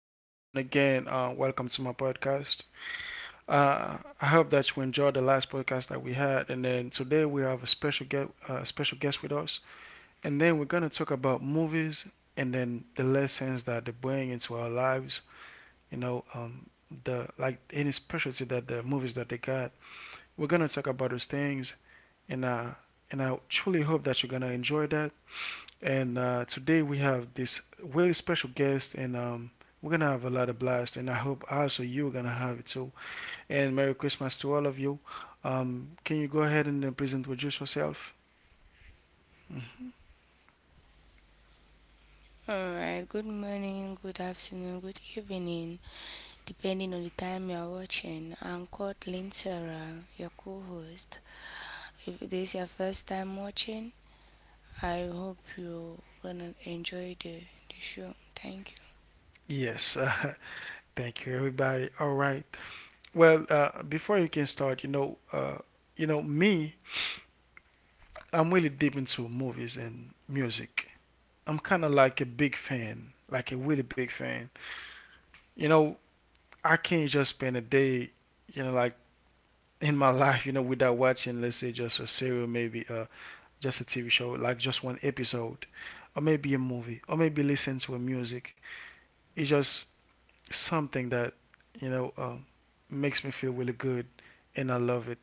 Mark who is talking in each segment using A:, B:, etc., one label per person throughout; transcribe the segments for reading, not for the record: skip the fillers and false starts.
A: is Robinson again. Welcome to my podcast. I hope that you enjoyed the last podcast that we had, and then today we have a special guest with us, and then we're gonna talk about movies and then the lessons that they bring into our lives. You know, um, the like any specialty that the movies that they got. We're gonna talk about those things, and uh, and I truly hope that you're gonna enjoy that. And today we have this really special guest, and we're gonna have a lot of blast. And I hope also you're gonna have it too. And Merry Christmas to all of you. Can you go ahead and please introduce yourself?
B: Alright, good morning, good afternoon, good evening, depending on the time you are watching. I'm called Linsara, your co host. If this is your first time watching, I hope you're gonna enjoy the show. Thank you.
A: Yes, thank you, everybody. All right. Well, before you can start, you know me, I'm really deep into movies and music. I'm kind of like a big fan, like a really big fan. You know, I can't just spend a day, you know, like in my life, you know, without watching, let's say, just a serial, maybe just a TV show, like just one episode, or maybe a movie, or maybe listen to a music. It's just something that, you know, um, makes me feel really good, and I love it.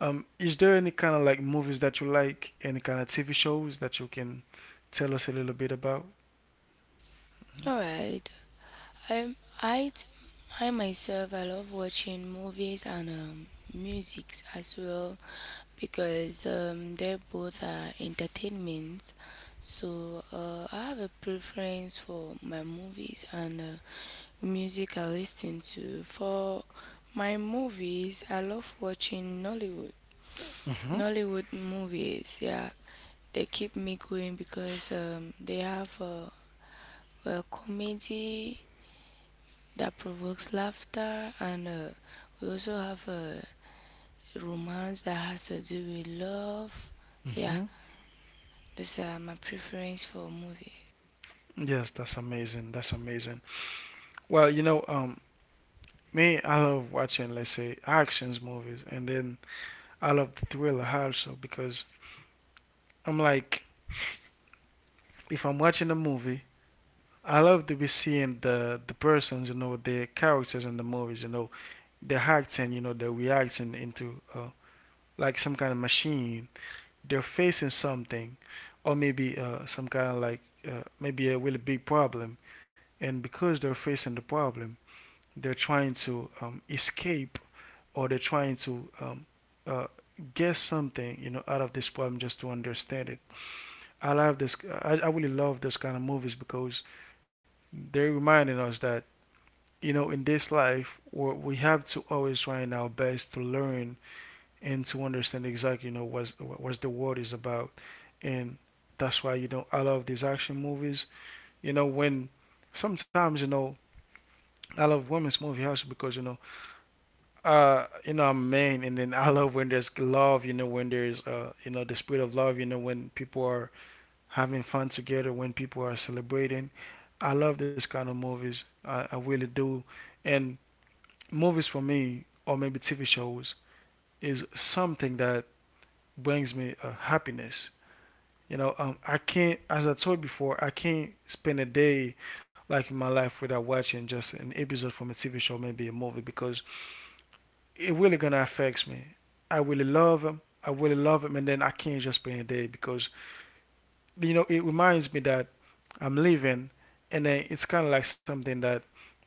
A: Is there any kind of like movies that you like, any kind of TV shows that you can tell us a little bit about?
B: All right. I I t- I myself I love watching movies and music as well because they both are entertainment. So I have a preference for my movies and music I listen to. For my movies, I love watching Nollywood.
A: Mm-hmm.
B: Nollywood movies, yeah, they keep me going because they have a comedy that provokes laughter and we also have a romance that has to do with love, yeah,
A: Mm-hmm.
B: those are my preference for movie.
A: Yes, that's amazing. That's amazing. Well, me, I love watching, let's say, actions movies, and then I love the thriller also because I'm like, if I'm watching a movie, I love to be seeing the persons, you know, the characters in the movies, you know, they're acting, you know, they're reacting into like some kind of machine. They're facing something, or maybe some kind of like maybe a really big problem, and because they're facing the problem, they're trying to escape or they're trying to uh, guess something, you know, out of this problem just to understand it. I love this. I really love this kind of movies because they're reminding us that you know in this life we have to always try our best to learn and to understand exactly you know what's what the world is about, and that's why you know I love these action movies. You know when sometimes you know I love women's movie also because you know I'm a man, and then I love when there's love, you know, when there's you know, the spirit of love, you know, when people are having fun together, when people are celebrating, I love this kind of movies. I really do. And movies for me, or maybe TV shows, is something that brings me happiness. I can't, as I told before, I can't spend a day like in my life without watching just an episode from a TV show, maybe a movie, because it really gonna affects me. I really love them. I really love them, and then I can't just spend a day because you know it reminds me that I'm living, and then it's kind of like something that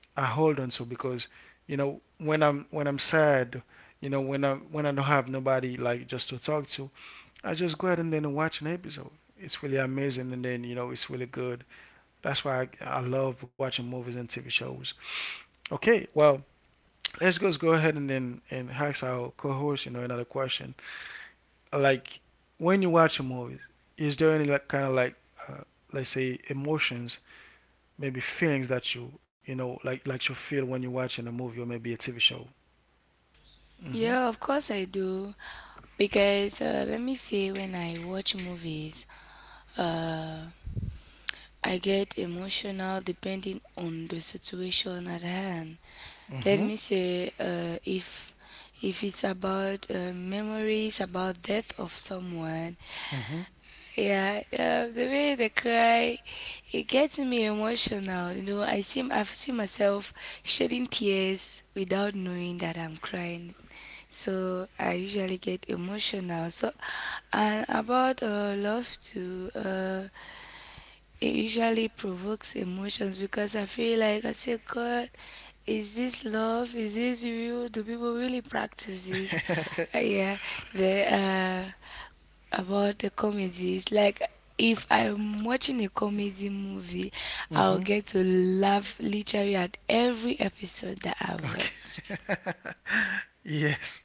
A: I hold on to because you know when I'm sad, you know when I don't have nobody like just to talk to, I just go ahead and then watch an episode. It's really amazing and then you know it's really good. That's why I love watching movies and TV shows. Okay, well let's just go ahead and then and ask our co-host you know another question. Like when you watch a movie, is there any like kind of like uh, let's say emotions maybe feelings that you know like you feel when you're watching a movie or maybe a TV show. Mhm.
B: Yeah, of course I do, because let me say when I watch movies, uh, I get emotional depending on the situation at hand.
A: Mhm.
B: Let me say, if it's about memories about death of someone.
A: Mhm.
B: Yeah, the way they cry, it gets me emotional. You know, I've seen myself shedding tears without knowing that I'm crying. So I usually get emotional. So, and about love too. It usually provokes emotions because I feel like I say, God, is this love? Is this real? Do people really practice this? Yeah, the about the comedies. Like if I'm watching a comedy movie, I'll
A: mhm.
B: get to laugh literally at every episode that I
A: Okay.
B: watch.
A: yes.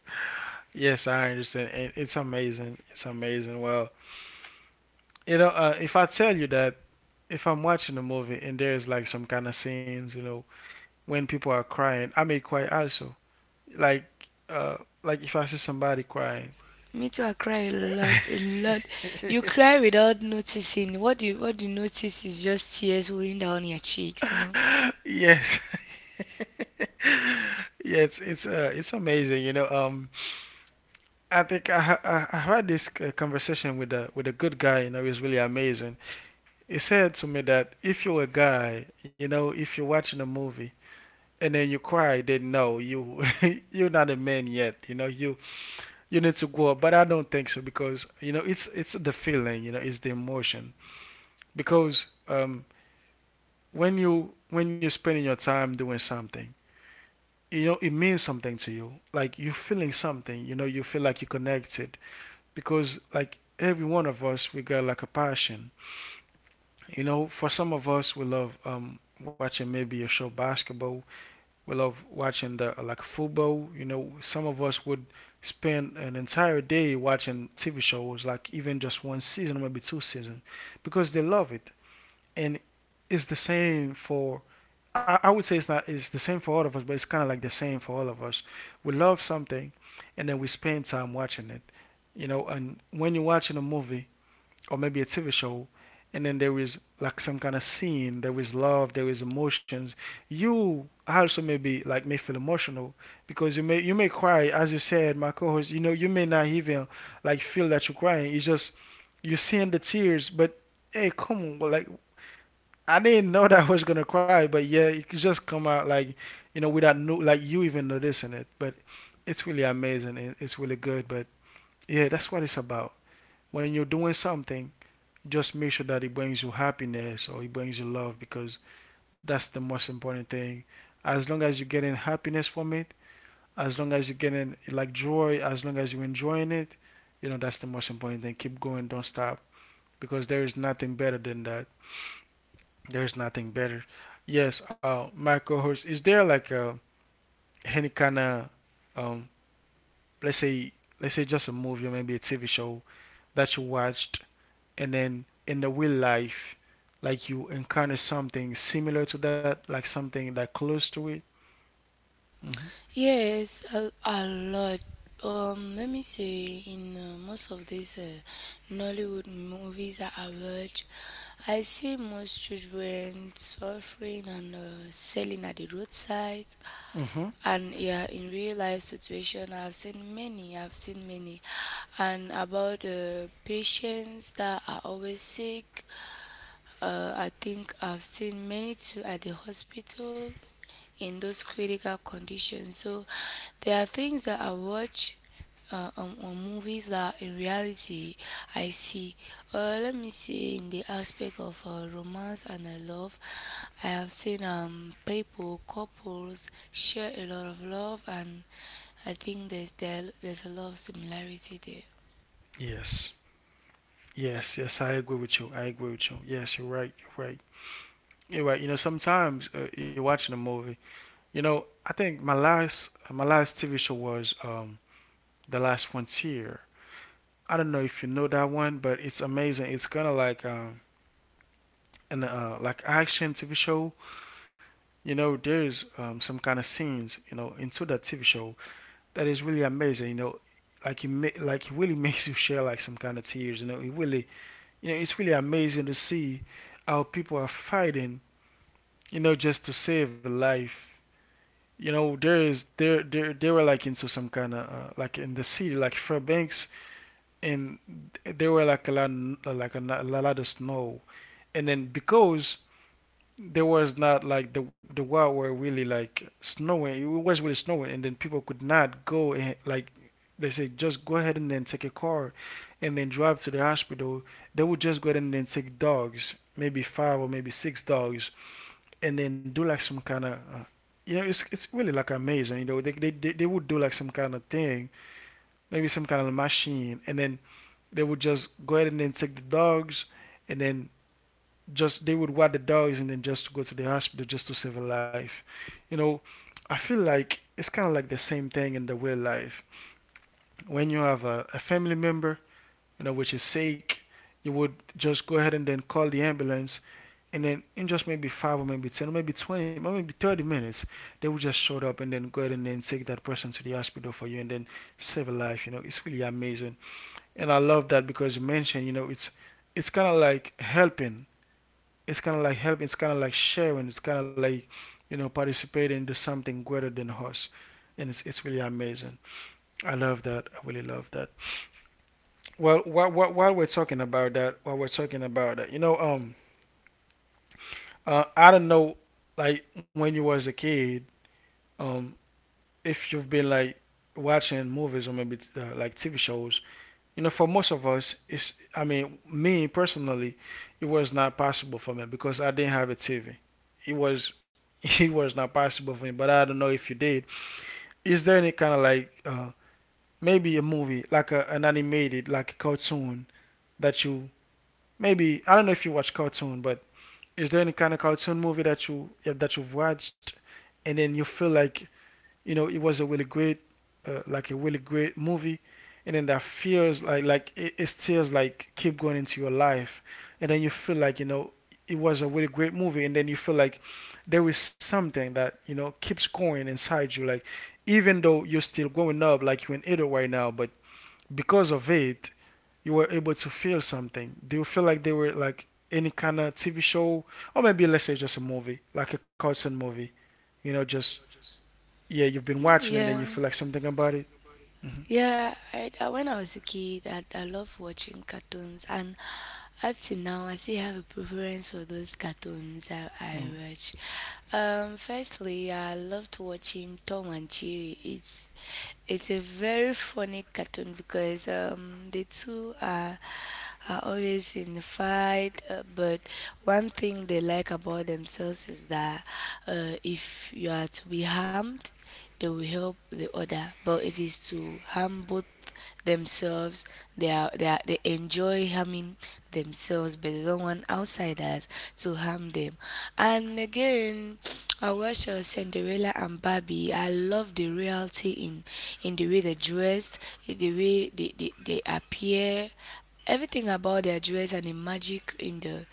A: Yes, I understand. And it's amazing. It's amazing. Well, you know, if I tell you that if I'm watching a movie and there's like some kind of scenes, you know, when people are crying, I may cry also. Like, uh, like if I see somebody crying.
B: Me too, I cry a lot, a lot. You cry without noticing. What you notice is just tears rolling down your cheeks, you know.
A: yes. yes. It's amazing. I think I, ha- I had this conversation with a good guy. You know, he's really amazing. He said to me that if you're a guy, you know, if you're watching a movie and then you cry, then no, you you're not a man yet. You know, you need to grow up. But I don't think so because you know it's the feeling. You know, it's the emotion because when you when you're spending your time doing something you know it means something to you like you're feeling something you know you feel like you're connected because like every one of us we got like a passion you know for some of us we love watching maybe a show basketball we love watching the like football you know some of us would spend an entire day watching TV shows like even just one season maybe two seasons because they love it and it's the same for I would say it's not it's the same for all of us but it's kind of like the same for all of us we love something and then we spend time watching it you know and when you're watching a movie or maybe a TV show, and then there is like some kind of scene, there is love, there is emotions. You also maybe like may feel emotional because you may cry, as you said, my co-host. You know, you may not even like feel that you're crying. It's just you're seeing the tears, but hey, come on, well, like I didn't know that I was gonna cry, but yeah, it could just come out like you know without no like you even noticing it. But it's really amazing. And It's really good. But yeah, that's what it's about. When you're doing something just make sure that it brings you happiness or it brings you love because that's the most important thing. As long as you're getting happiness from it, as long as you're getting like joy, as long as you're enjoying it, you know, that's the most important thing. Keep going, don't stop because there is nothing better than that. There's nothing better. Yes, my co-host, is there like any kind of, um, let's say, let's say just a movie or maybe a TV show that you watched? And then in the real life like you encounter something similar to that like something that close to it mm-hmm.
B: Yes, a lot. Let me say, in most of these Nollywood movies that I watch, I see most children suffering and selling at the roadside.
A: Mm-hmm.
B: And yeah, in real life situation, I've seen many. I've seen many, and about patients that are always sick. I think I've seen many too at the hospital in those critical conditions. So there are things that I watch on movies that in reality I see. Let me see in the aspect of romance and love. I have seen people couples share a lot of love, and I think there's a lot of similarity there.
A: yes yes yes I agree with you I agree with you yes you're right you're right you're right you know sometimes you're watching a movie you know I think my last TV show was the last frontier I don't know if you know that one but it's amazing it's kind of like an like action TV show you know there's some kind of scenes you know into that TV show that is really amazing. You know, like it like it really makes you share like some kind of tears. You know, it really you know it's really amazing to see how people are fighting. You know, just to save a life. You know, there is there there they were like into some kind of like in the city like Fairbanks, and there were like a lot like a lot of snow. And then because there was not like the world were really like snowing. It was really snowing, and then people could not go and like they say just go ahead and then take a car and then drive to the hospital. They would just go ahead and then take dogs, maybe five or maybe six dogs, and then do like some kind of. You know, it's really like amazing. You know, they would do like some kind of thing, maybe some kind of machine, and then they would just go ahead and then take the dogs, and then just they would wet the dogs and then just go to the hospital just to save a life. You know, I feel like it's kind of like the same thing in the real life. When you have a family member, you know, which is sick, you would just go ahead and then call the ambulance and then in just maybe five or maybe ten or maybe 20 or maybe 30 minutes, they will just show up and then go ahead and then take that person to the hospital for you and then save a life. You know, it's really amazing, and I love that because you mentioned, you know, it's kind of like helping, it's kind of like helping, it's kind of like sharing, it's kind of like, you know, participating to something greater than us. And it's really amazing. I love that. I really love that. Well, while we're talking about that, while we're talking about that, I don't know, like when you was a kid, um if you've been like watching movies or maybe like TV shows. You know, for most of us, it's, I mean, me personally, it was not possible for me because I didn't have a TV. It was, it was not possible for me, but I don't know if you did. Is there any kind of like, maybe a movie, like an animated, like a cartoon that you, maybe, I don't know if you watch cartoon, but is there any kind of cartoon movie that you, yeah, that you've watched, and then you feel like, you know, it was a really great like a really great movie, and then that feels like it still like keep going into your life, and then you feel like, you know, it was a really great movie, and then you feel like there is something that, you know, keeps going inside you, like even though you're still growing up, like you're an adult right now, but because of it, you were able to feel something. Do you feel like they were like any kind of TV show or maybe, let's say, just a movie, like a cartoon movie, you know, just, yeah, you've been watching, and then
B: Yeah.
A: you feel like something about it. Hmm.
B: Yeah, I when I was a kid, I loved watching cartoons, and up to now, I still have a preference for those cartoons that I
A: Mm.
B: watch. Firstly, I loved watching Tom and Jerry. It's a very funny cartoon because the two are always in a fight, but one thing they like about themselves is that if you are to be harmed, they will help the other. But if it's to harm both themselves, they enjoy harming themselves, but they don't want outsiders to harm them. And again, I watched Cinderella and Barbie. I love the reality in the way they dressed, the way they appear, everything about their dress and the magic in the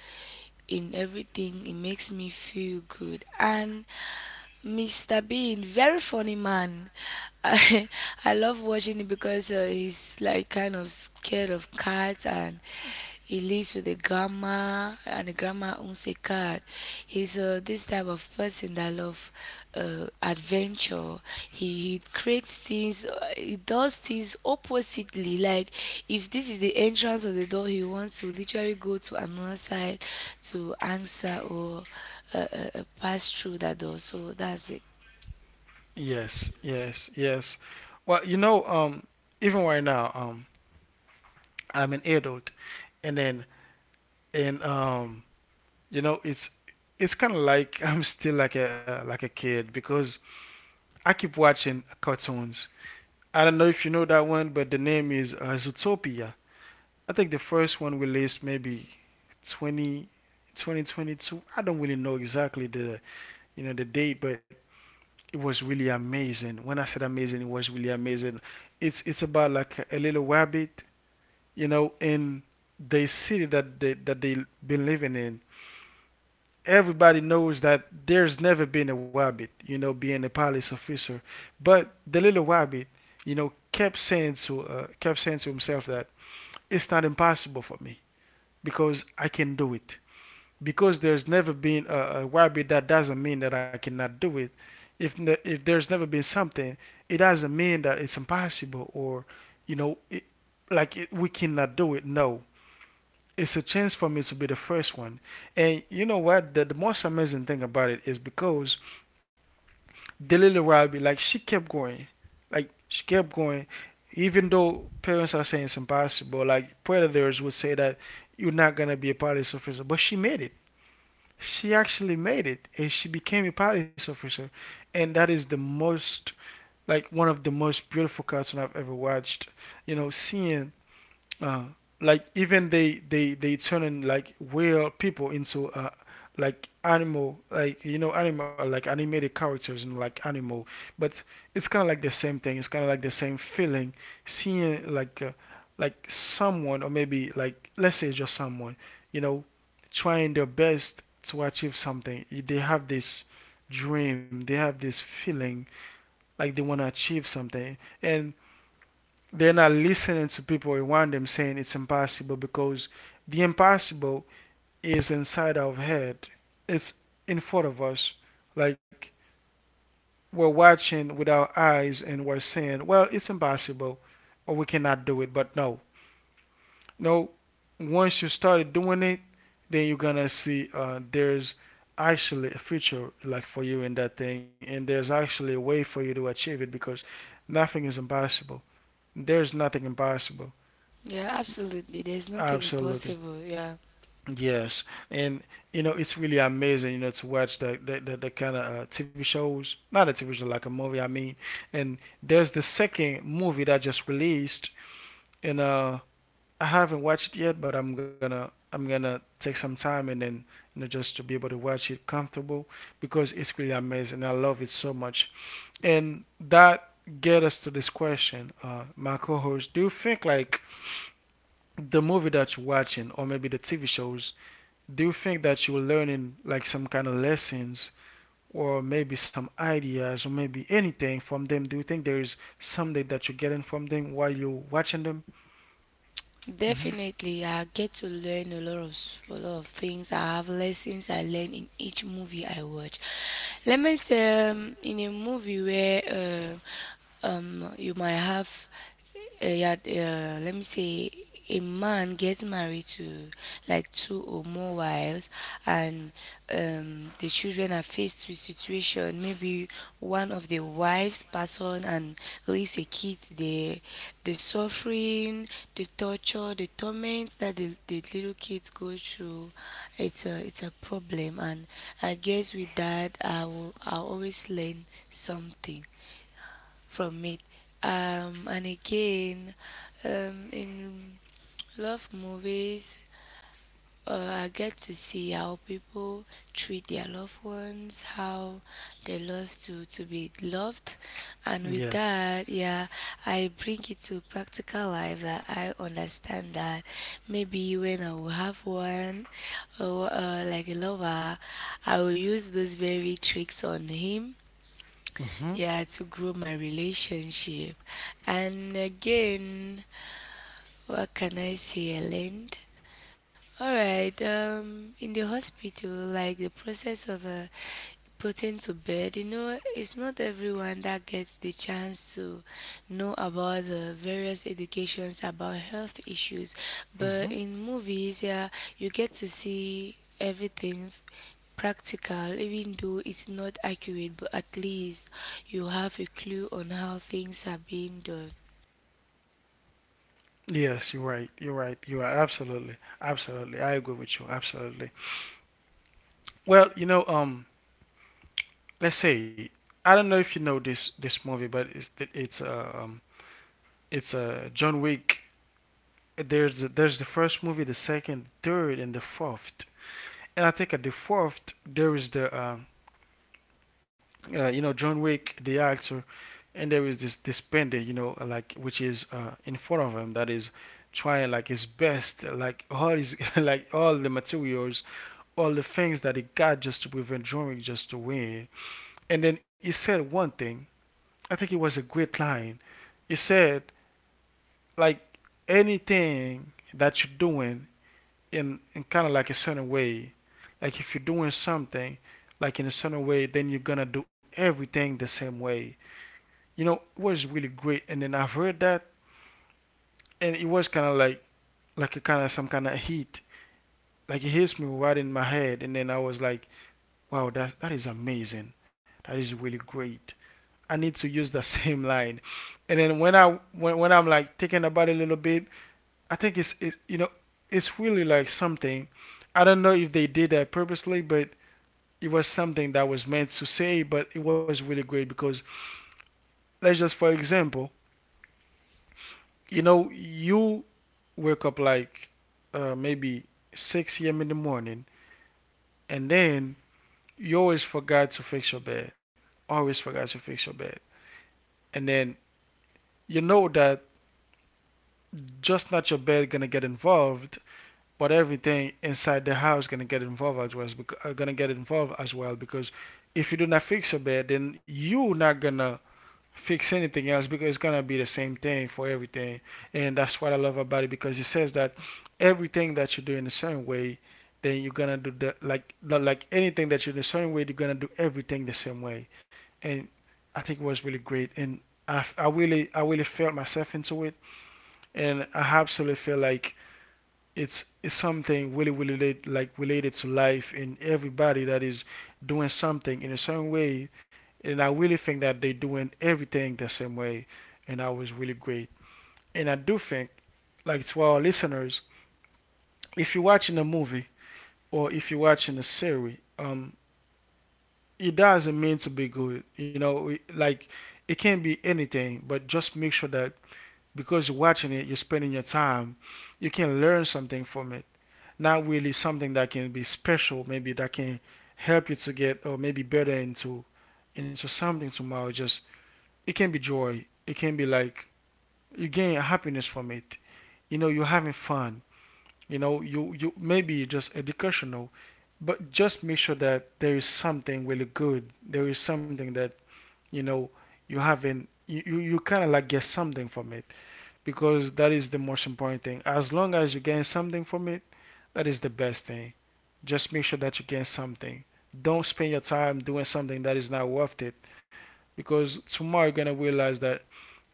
B: in everything. It makes me feel good. And Mr. Bean, very funny man. I, I love watching it because he's like kind of scared of cats, and he lives with a grandma, and the grandma owns a cat. He's this type of person that love adventure. He creates things, he does things oppositely. Like if this is the entrance of the door, he wants to literally go to another side to answer or pass through that door. So that's it.
A: Yes, yes, yes. Well, you know, even right now, I'm an adult, and then and you know, it's kind of like I'm still like a kid because I keep watching cartoons. I don't know if you know that one, but the name is Zootopia. I think the first one released maybe 20, 2022. I don't really know exactly the, you know, the date, but it was really amazing. When I said amazing, it was really amazing. It's about like a little rabbit, you know, in the city that they have been living in. Everybody knows that there's never been a rabbit, you know, being a police officer, but the little rabbit, you know, kept saying to himself that it's not impossible for me because I can do it, because there's never been a YB, that doesn't mean that I cannot do it. If there's never been something, it doesn't mean that it's impossible or, you know, it, like it, we cannot do it. No, it's a chance for me to be the first one. And you know what? The most amazing thing about it is because the little Robbie, like she kept going, like she kept going, even though parents are saying it's impossible. Like predators would say that you're not gonna be a police officer, but she actually made it, and she became a police officer, and that is the most, like one of the most beautiful cartoons I've ever watched, you know, seeing uh, like even they turning like real people into like animal, like, you know, animal, like animated characters and like animal, but it's kind of like the same thing. It's kind of like the same feeling, seeing like someone or maybe, like let's say just someone, you know, trying their best to achieve something. They have this dream, they have this feeling, like they want to achieve something, and they're not listening to people around them saying it's impossible, because the impossible is inside our head. It's in front of us. Like we're watching with our eyes and we're saying, well, it's impossible or we cannot do it. But no, no, once you started doing it, then you're gonna see there's actually a future like for you in that thing, and there's actually a way for you to achieve it, because nothing is impossible. There's nothing impossible.
B: Yeah, absolutely. There's nothing
A: Absolutely.
B: impossible. Yeah.
A: Yes, and you know it's really amazing, you know, to watch the kind of TV shows, not a TV show, like a movie, I mean. And there's the second movie that just released, and I haven't watched it yet, but I'm gonna take some time and then, you know, just to be able to watch it comfortable, because it's really amazing. I love it so much, and that get us to this question, my co-host. Do you think like the movie that you're watching, or maybe the TV shows, do you think that you're learning like some kind of lessons or maybe some ideas or maybe anything from them? Do you think there is something that you're getting from them while you're watching them? Mm-hmm.
B: Definitely, I get to learn a lot of things. I have lessons I learn in each movie I watch. Let me say, in a movie where you might have yeah, let me say a man gets married to like two or more wives and the children are faced with situation, maybe one of the wives pass on and leaves a kid there, the suffering, the torture, the torment that the little kids go through, it's a problem, and I guess with that I will I always learn something from it. And again, in love movies, I get to see how people treat their loved ones, how they love to be loved. And with
A: Yes.
B: that, yeah, I bring it to practical life, that I understand that maybe when I will have one, or like a lover, I will use those very tricks on him,
A: Mm-hmm.
B: yeah, to grow my relationship. And again, what can I say, I learned? All right, in the hospital, like the process of put into bed. You know, it's not everyone that gets the chance to know about the various educations about health issues, but
A: Mm-hmm.
B: in movies, yeah, you get to see everything practical, even though it's not accurate, but at least you have a clue on how things are being done.
A: Yes, you're right, you're right, you are absolutely, absolutely, I agree with you, absolutely. Well, you know, let's say, I don't know if you know this movie, but it's a John Wick. There's the first movie, the second, third, and the fourth. And I think at the fourth there is the you know, John Wick the actor, and there is this pendant, you know, like, which is in front of him, that is trying like his best, like all his like all the materials, all the things that he got just to prevent John Wick just to win, and then he said one thing. I think it was a great line. He said, like, anything that you're doing in kind of like a certain way. Like if you're doing something like in a certain way, then you're gonna do everything the same way. You know, it was really great. And then I've heard that, and it was kind of like a kind of some kind of heat. Like it hits me right in my head, and then I was like, wow, that is amazing. That is really great. I need to use the same line. And then when I when I'm like thinking about it a little bit, I think it's it, you know, it's really like something. I don't know if they did that purposely, but it was something that was meant to say, but it was really great because, let's just for example, you know, you wake up like maybe 6 a.m. in the morning, and then you always forgot to fix your bed. Always forgot to fix your bed, and then you know that just not your bed gonna get involved, but everything inside the house gonna get involved as well. Gonna get involved as well, because if you do not fix your bed, then you not gonna fix anything else, because it's gonna be the same thing for everything. And that's what I love about it, because it says that everything that you do in a certain way, then you're gonna do the like anything that you do the same way, you're gonna do everything the same way. And I think it was really great. And I really felt myself into it, and I absolutely feel like it's something really really relate, like related to life, and everybody that is doing something in a certain way, and I really think that they're doing everything the same way, and that was really great. And I do think, like, to our listeners, if you're watching a movie or if you're watching a series, it doesn't mean to be good, you know, like, it can be anything, but just make sure that because you're watching it, you're spending your time, you can learn something from it. Not really something that can be special, maybe that can help you to get or maybe better into something tomorrow. Just, it can be joy, it can be like you gain happiness from it, you know, you're having fun, you know, you maybe just educational, but just make sure that there is something really good, there is something that, you know, you having, you you kind of like get something from it, because that is the most important thing. As long as you gain something from it, that is the best thing. Just make sure that you gain something. Don't spend your time doing something that is not worth it, because tomorrow you're gonna realize that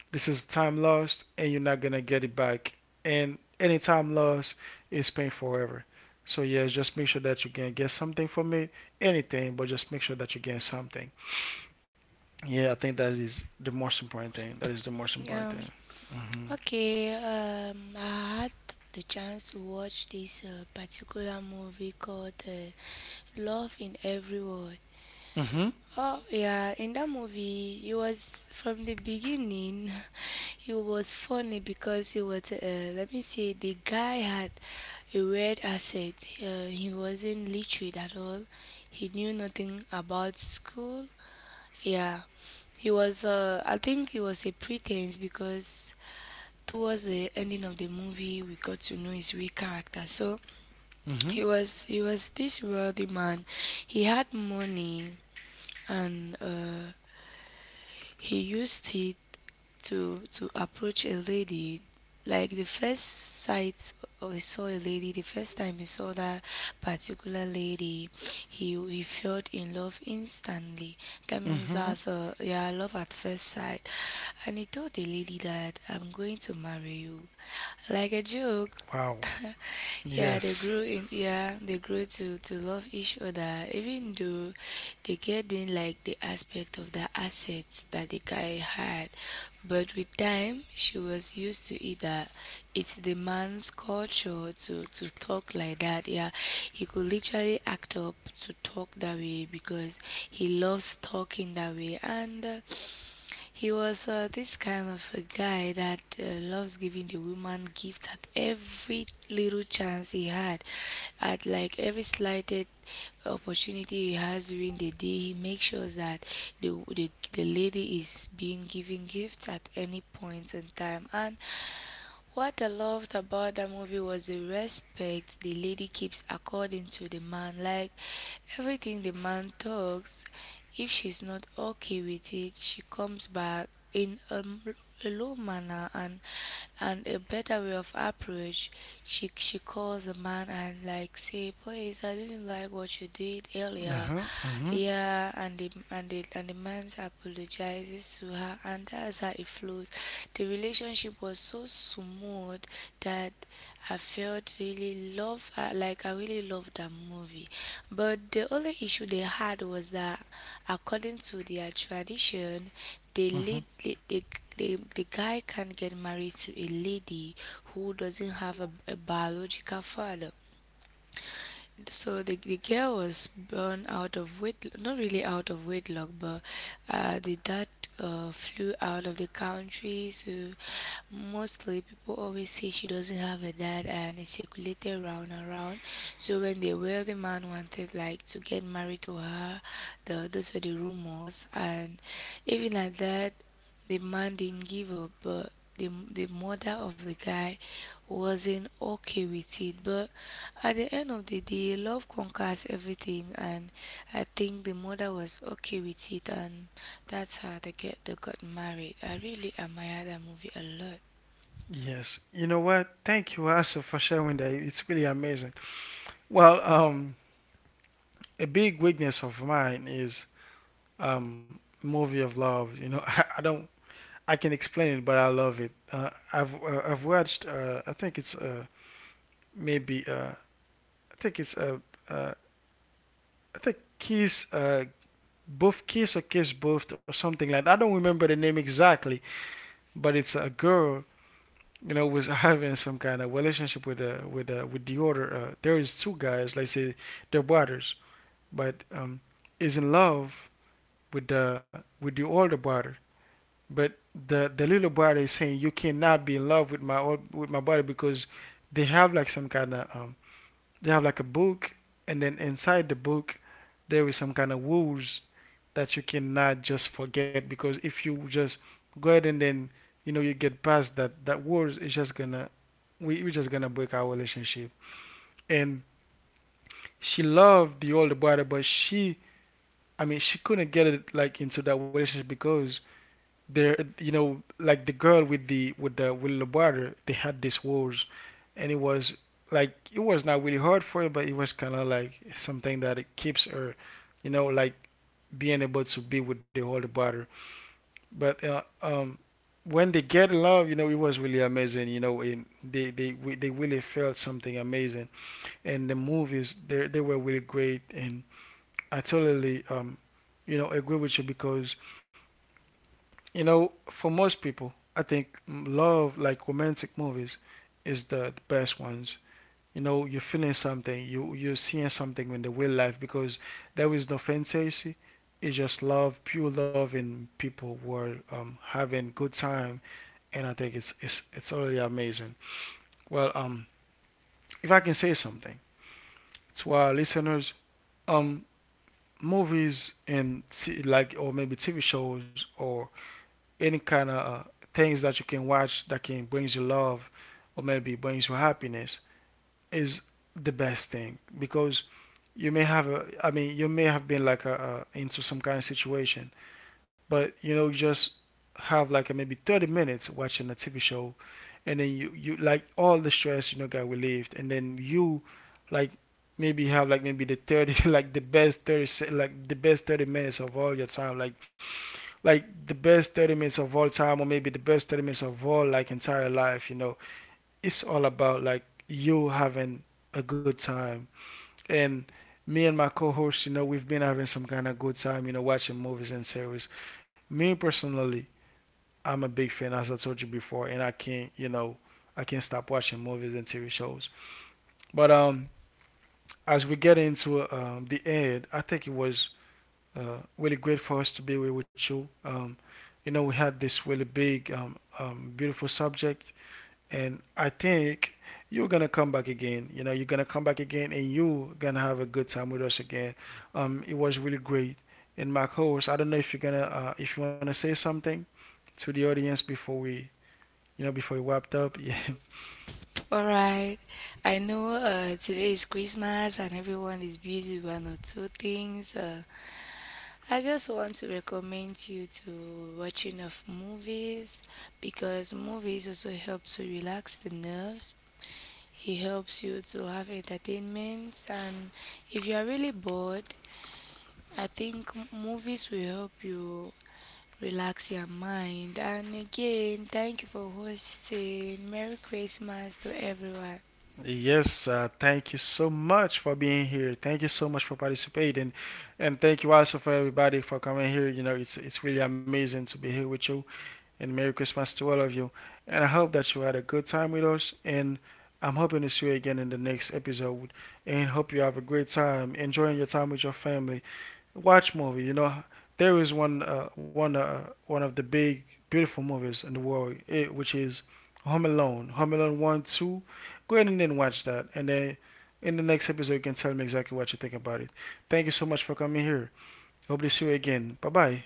A: this is time lost, and you're not gonna get it back. And any time lost is spent forever. So yes, just make sure that you can get something from it, anything, but just make sure that you gain something. Yeah, I think that is the most important thing. That is the most important
B: um
A: thing. Mhm.
B: okay. I had the chance to watch this particular movie called Love in Every Word.
A: Mhm.
B: Oh yeah, in that movie, he was from the beginning. He was funny because he was. Let me say, the guy had a weird asset. He wasn't literate at all. He knew nothing about school. Yeah, he was. I think he was a pretense because towards the ending of the movie, we got to know his real character. So he
A: Mhm.
B: was. He was this wealthy man. He had money and. He used it to approach a lady. Like the first sight, or he saw a lady, the first time he saw that particular lady, he felt in love instantly. That means
A: Mm-hmm.
B: as a yeah, love at first sight. And he told the lady that I'm going to marry you. Like a joke.
A: Wow.
B: Yeah, they grew
A: Yes.
B: in, yeah, they grew to love each other, even though they get in like the aspect of the assets that the guy had, but with time she was used to it, that it's the man's culture to talk like that. Yeah, he could literally act up to talk that way because he loves talking that way, and he was this kind of a guy that loves giving the woman gifts at every little chance he had. At like every slighted opportunity he has during the day, he makes sure that the lady is being given gifts at any point in time. And what I loved about that movie was the respect the lady keeps according to the man. Like everything the man talks, if she's not okay with it, she comes back in a low manner and a better way of approach. She calls the man and like say, please, I didn't like what you did earlier.
A: Uh-huh. Mm-hmm.
B: Yeah, and the afraid, and the man apologizes to her, and that's how it flows. The relationship was so smooth that I felt really loved, like I really loved that movie. But the only issue they had was that, according to their tradition, the
A: Mm-hmm.
B: lead, the guy can't get married to a lady who doesn't have a biological father. So the girl was born out of wedlock, not really out of wedlock, but the dad flew out of the country. So mostly people always say she doesn't have a dad, and it circulated round and round. So when the wealthy man wanted like to get married to her, the, those were the rumors, and even like that. The man didn't give up, but the mother of the guy wasn't okay with it. But at the end of the day, love conquers everything, and I think the mother was okay with it, and that's how they got married. I really admire that movie a lot.
A: Yes. You know what? Thank you also for sharing that. It's really amazing. Well, a big weakness of mine is movie of love. You know, I don't. I can explain it, but I love it. I've watched. I think it's maybe I think it's uh I think Kiss both Kiss or Kiss both or something like that. I don't remember the name exactly, but it's a girl you know was having some kind of relationship with with the other there is two guys like say they're brothers but is in love with the older brother but the little brother is saying you cannot be in love with my brother because they have like some kind of they have like a book, and then inside the book, there is some kind of rules that you cannot just forget because if you just go ahead and then you know you get past that rules, it's just gonna we're just gonna break our relationship. And she loved the older brother, but she I mean she couldn't get it like into that relationship because there, you know, like the girl with the with the with the brother, they had these wars, and it was like it was not really hard for her, but it was kind of like something that it keeps her, you know, like being able to be with the older brother. But When they get in love, you know, it was really amazing. You know, and they really felt something amazing. And the movies, they were really great. And I totally you know, agree with you because you know, for most people, I think love, like romantic movies, is the best ones. You know, you're feeling something, you're seeing something in the real life because there is no fantasy. It's just love, pure love, and people were having good time, and I think it's really amazing. Well, if I can say something to our listeners, um, movies and t- like or maybe TV shows or any kind of things that you can watch that can brings you love or maybe brings you happiness is the best thing because you may have a I mean you may have been like a into some kind of situation but you know just have like a maybe 30 minutes watching a TV show and then you like all the stress you know got relieved and then you like maybe have like maybe the 30 like the best 30 minutes of all your time like the best 30 minutes of all time or maybe the best 30 minutes of all like entire life you know it's all about like you having a good time and me and my co-host you know we've been having some kind of good time you know watching movies and series. Me personally, I'm a big fan as I told you before and I can't you know I can't stop watching movies and TV shows but as we get into the end I think it was really great for us to be here with you. You know, we had this really big, beautiful subject, and I think you're gonna come back again. You know, you're gonna come back again, and you're gonna have a good time with us again. It was really great. And my host, I don't know if you're gonna, if you wanna say something to the audience before we, you know, before we wrapped up. Yeah,
B: All right, I know today is Christmas and everyone is busy with one or two things. I just want to recommend you to watching of movies because movies also help to relax the nerves. It helps you to have entertainment, and if you are really bored, I think movies will help you relax your mind. And again, thank you for hosting. Merry Christmas to everyone.
A: yes, thank you so much for being here. Thank you so much for participating, and thank you also for everybody for coming here. You know, it's really amazing to be here with you, and Merry Christmas to all of you. And I hope that you had a good time with us, and I'm hoping to see you again in the next episode. And hope you have a great time enjoying your time with your family. Watch movie. You know, there is one of the big beautiful movies in the world, eh, which is Home Alone. Home Alone one, two. Go ahead and then watch that, and then in the next episode you can tell me exactly what you think about it. Thank you so much for coming here. Hope to see you again. Bye bye.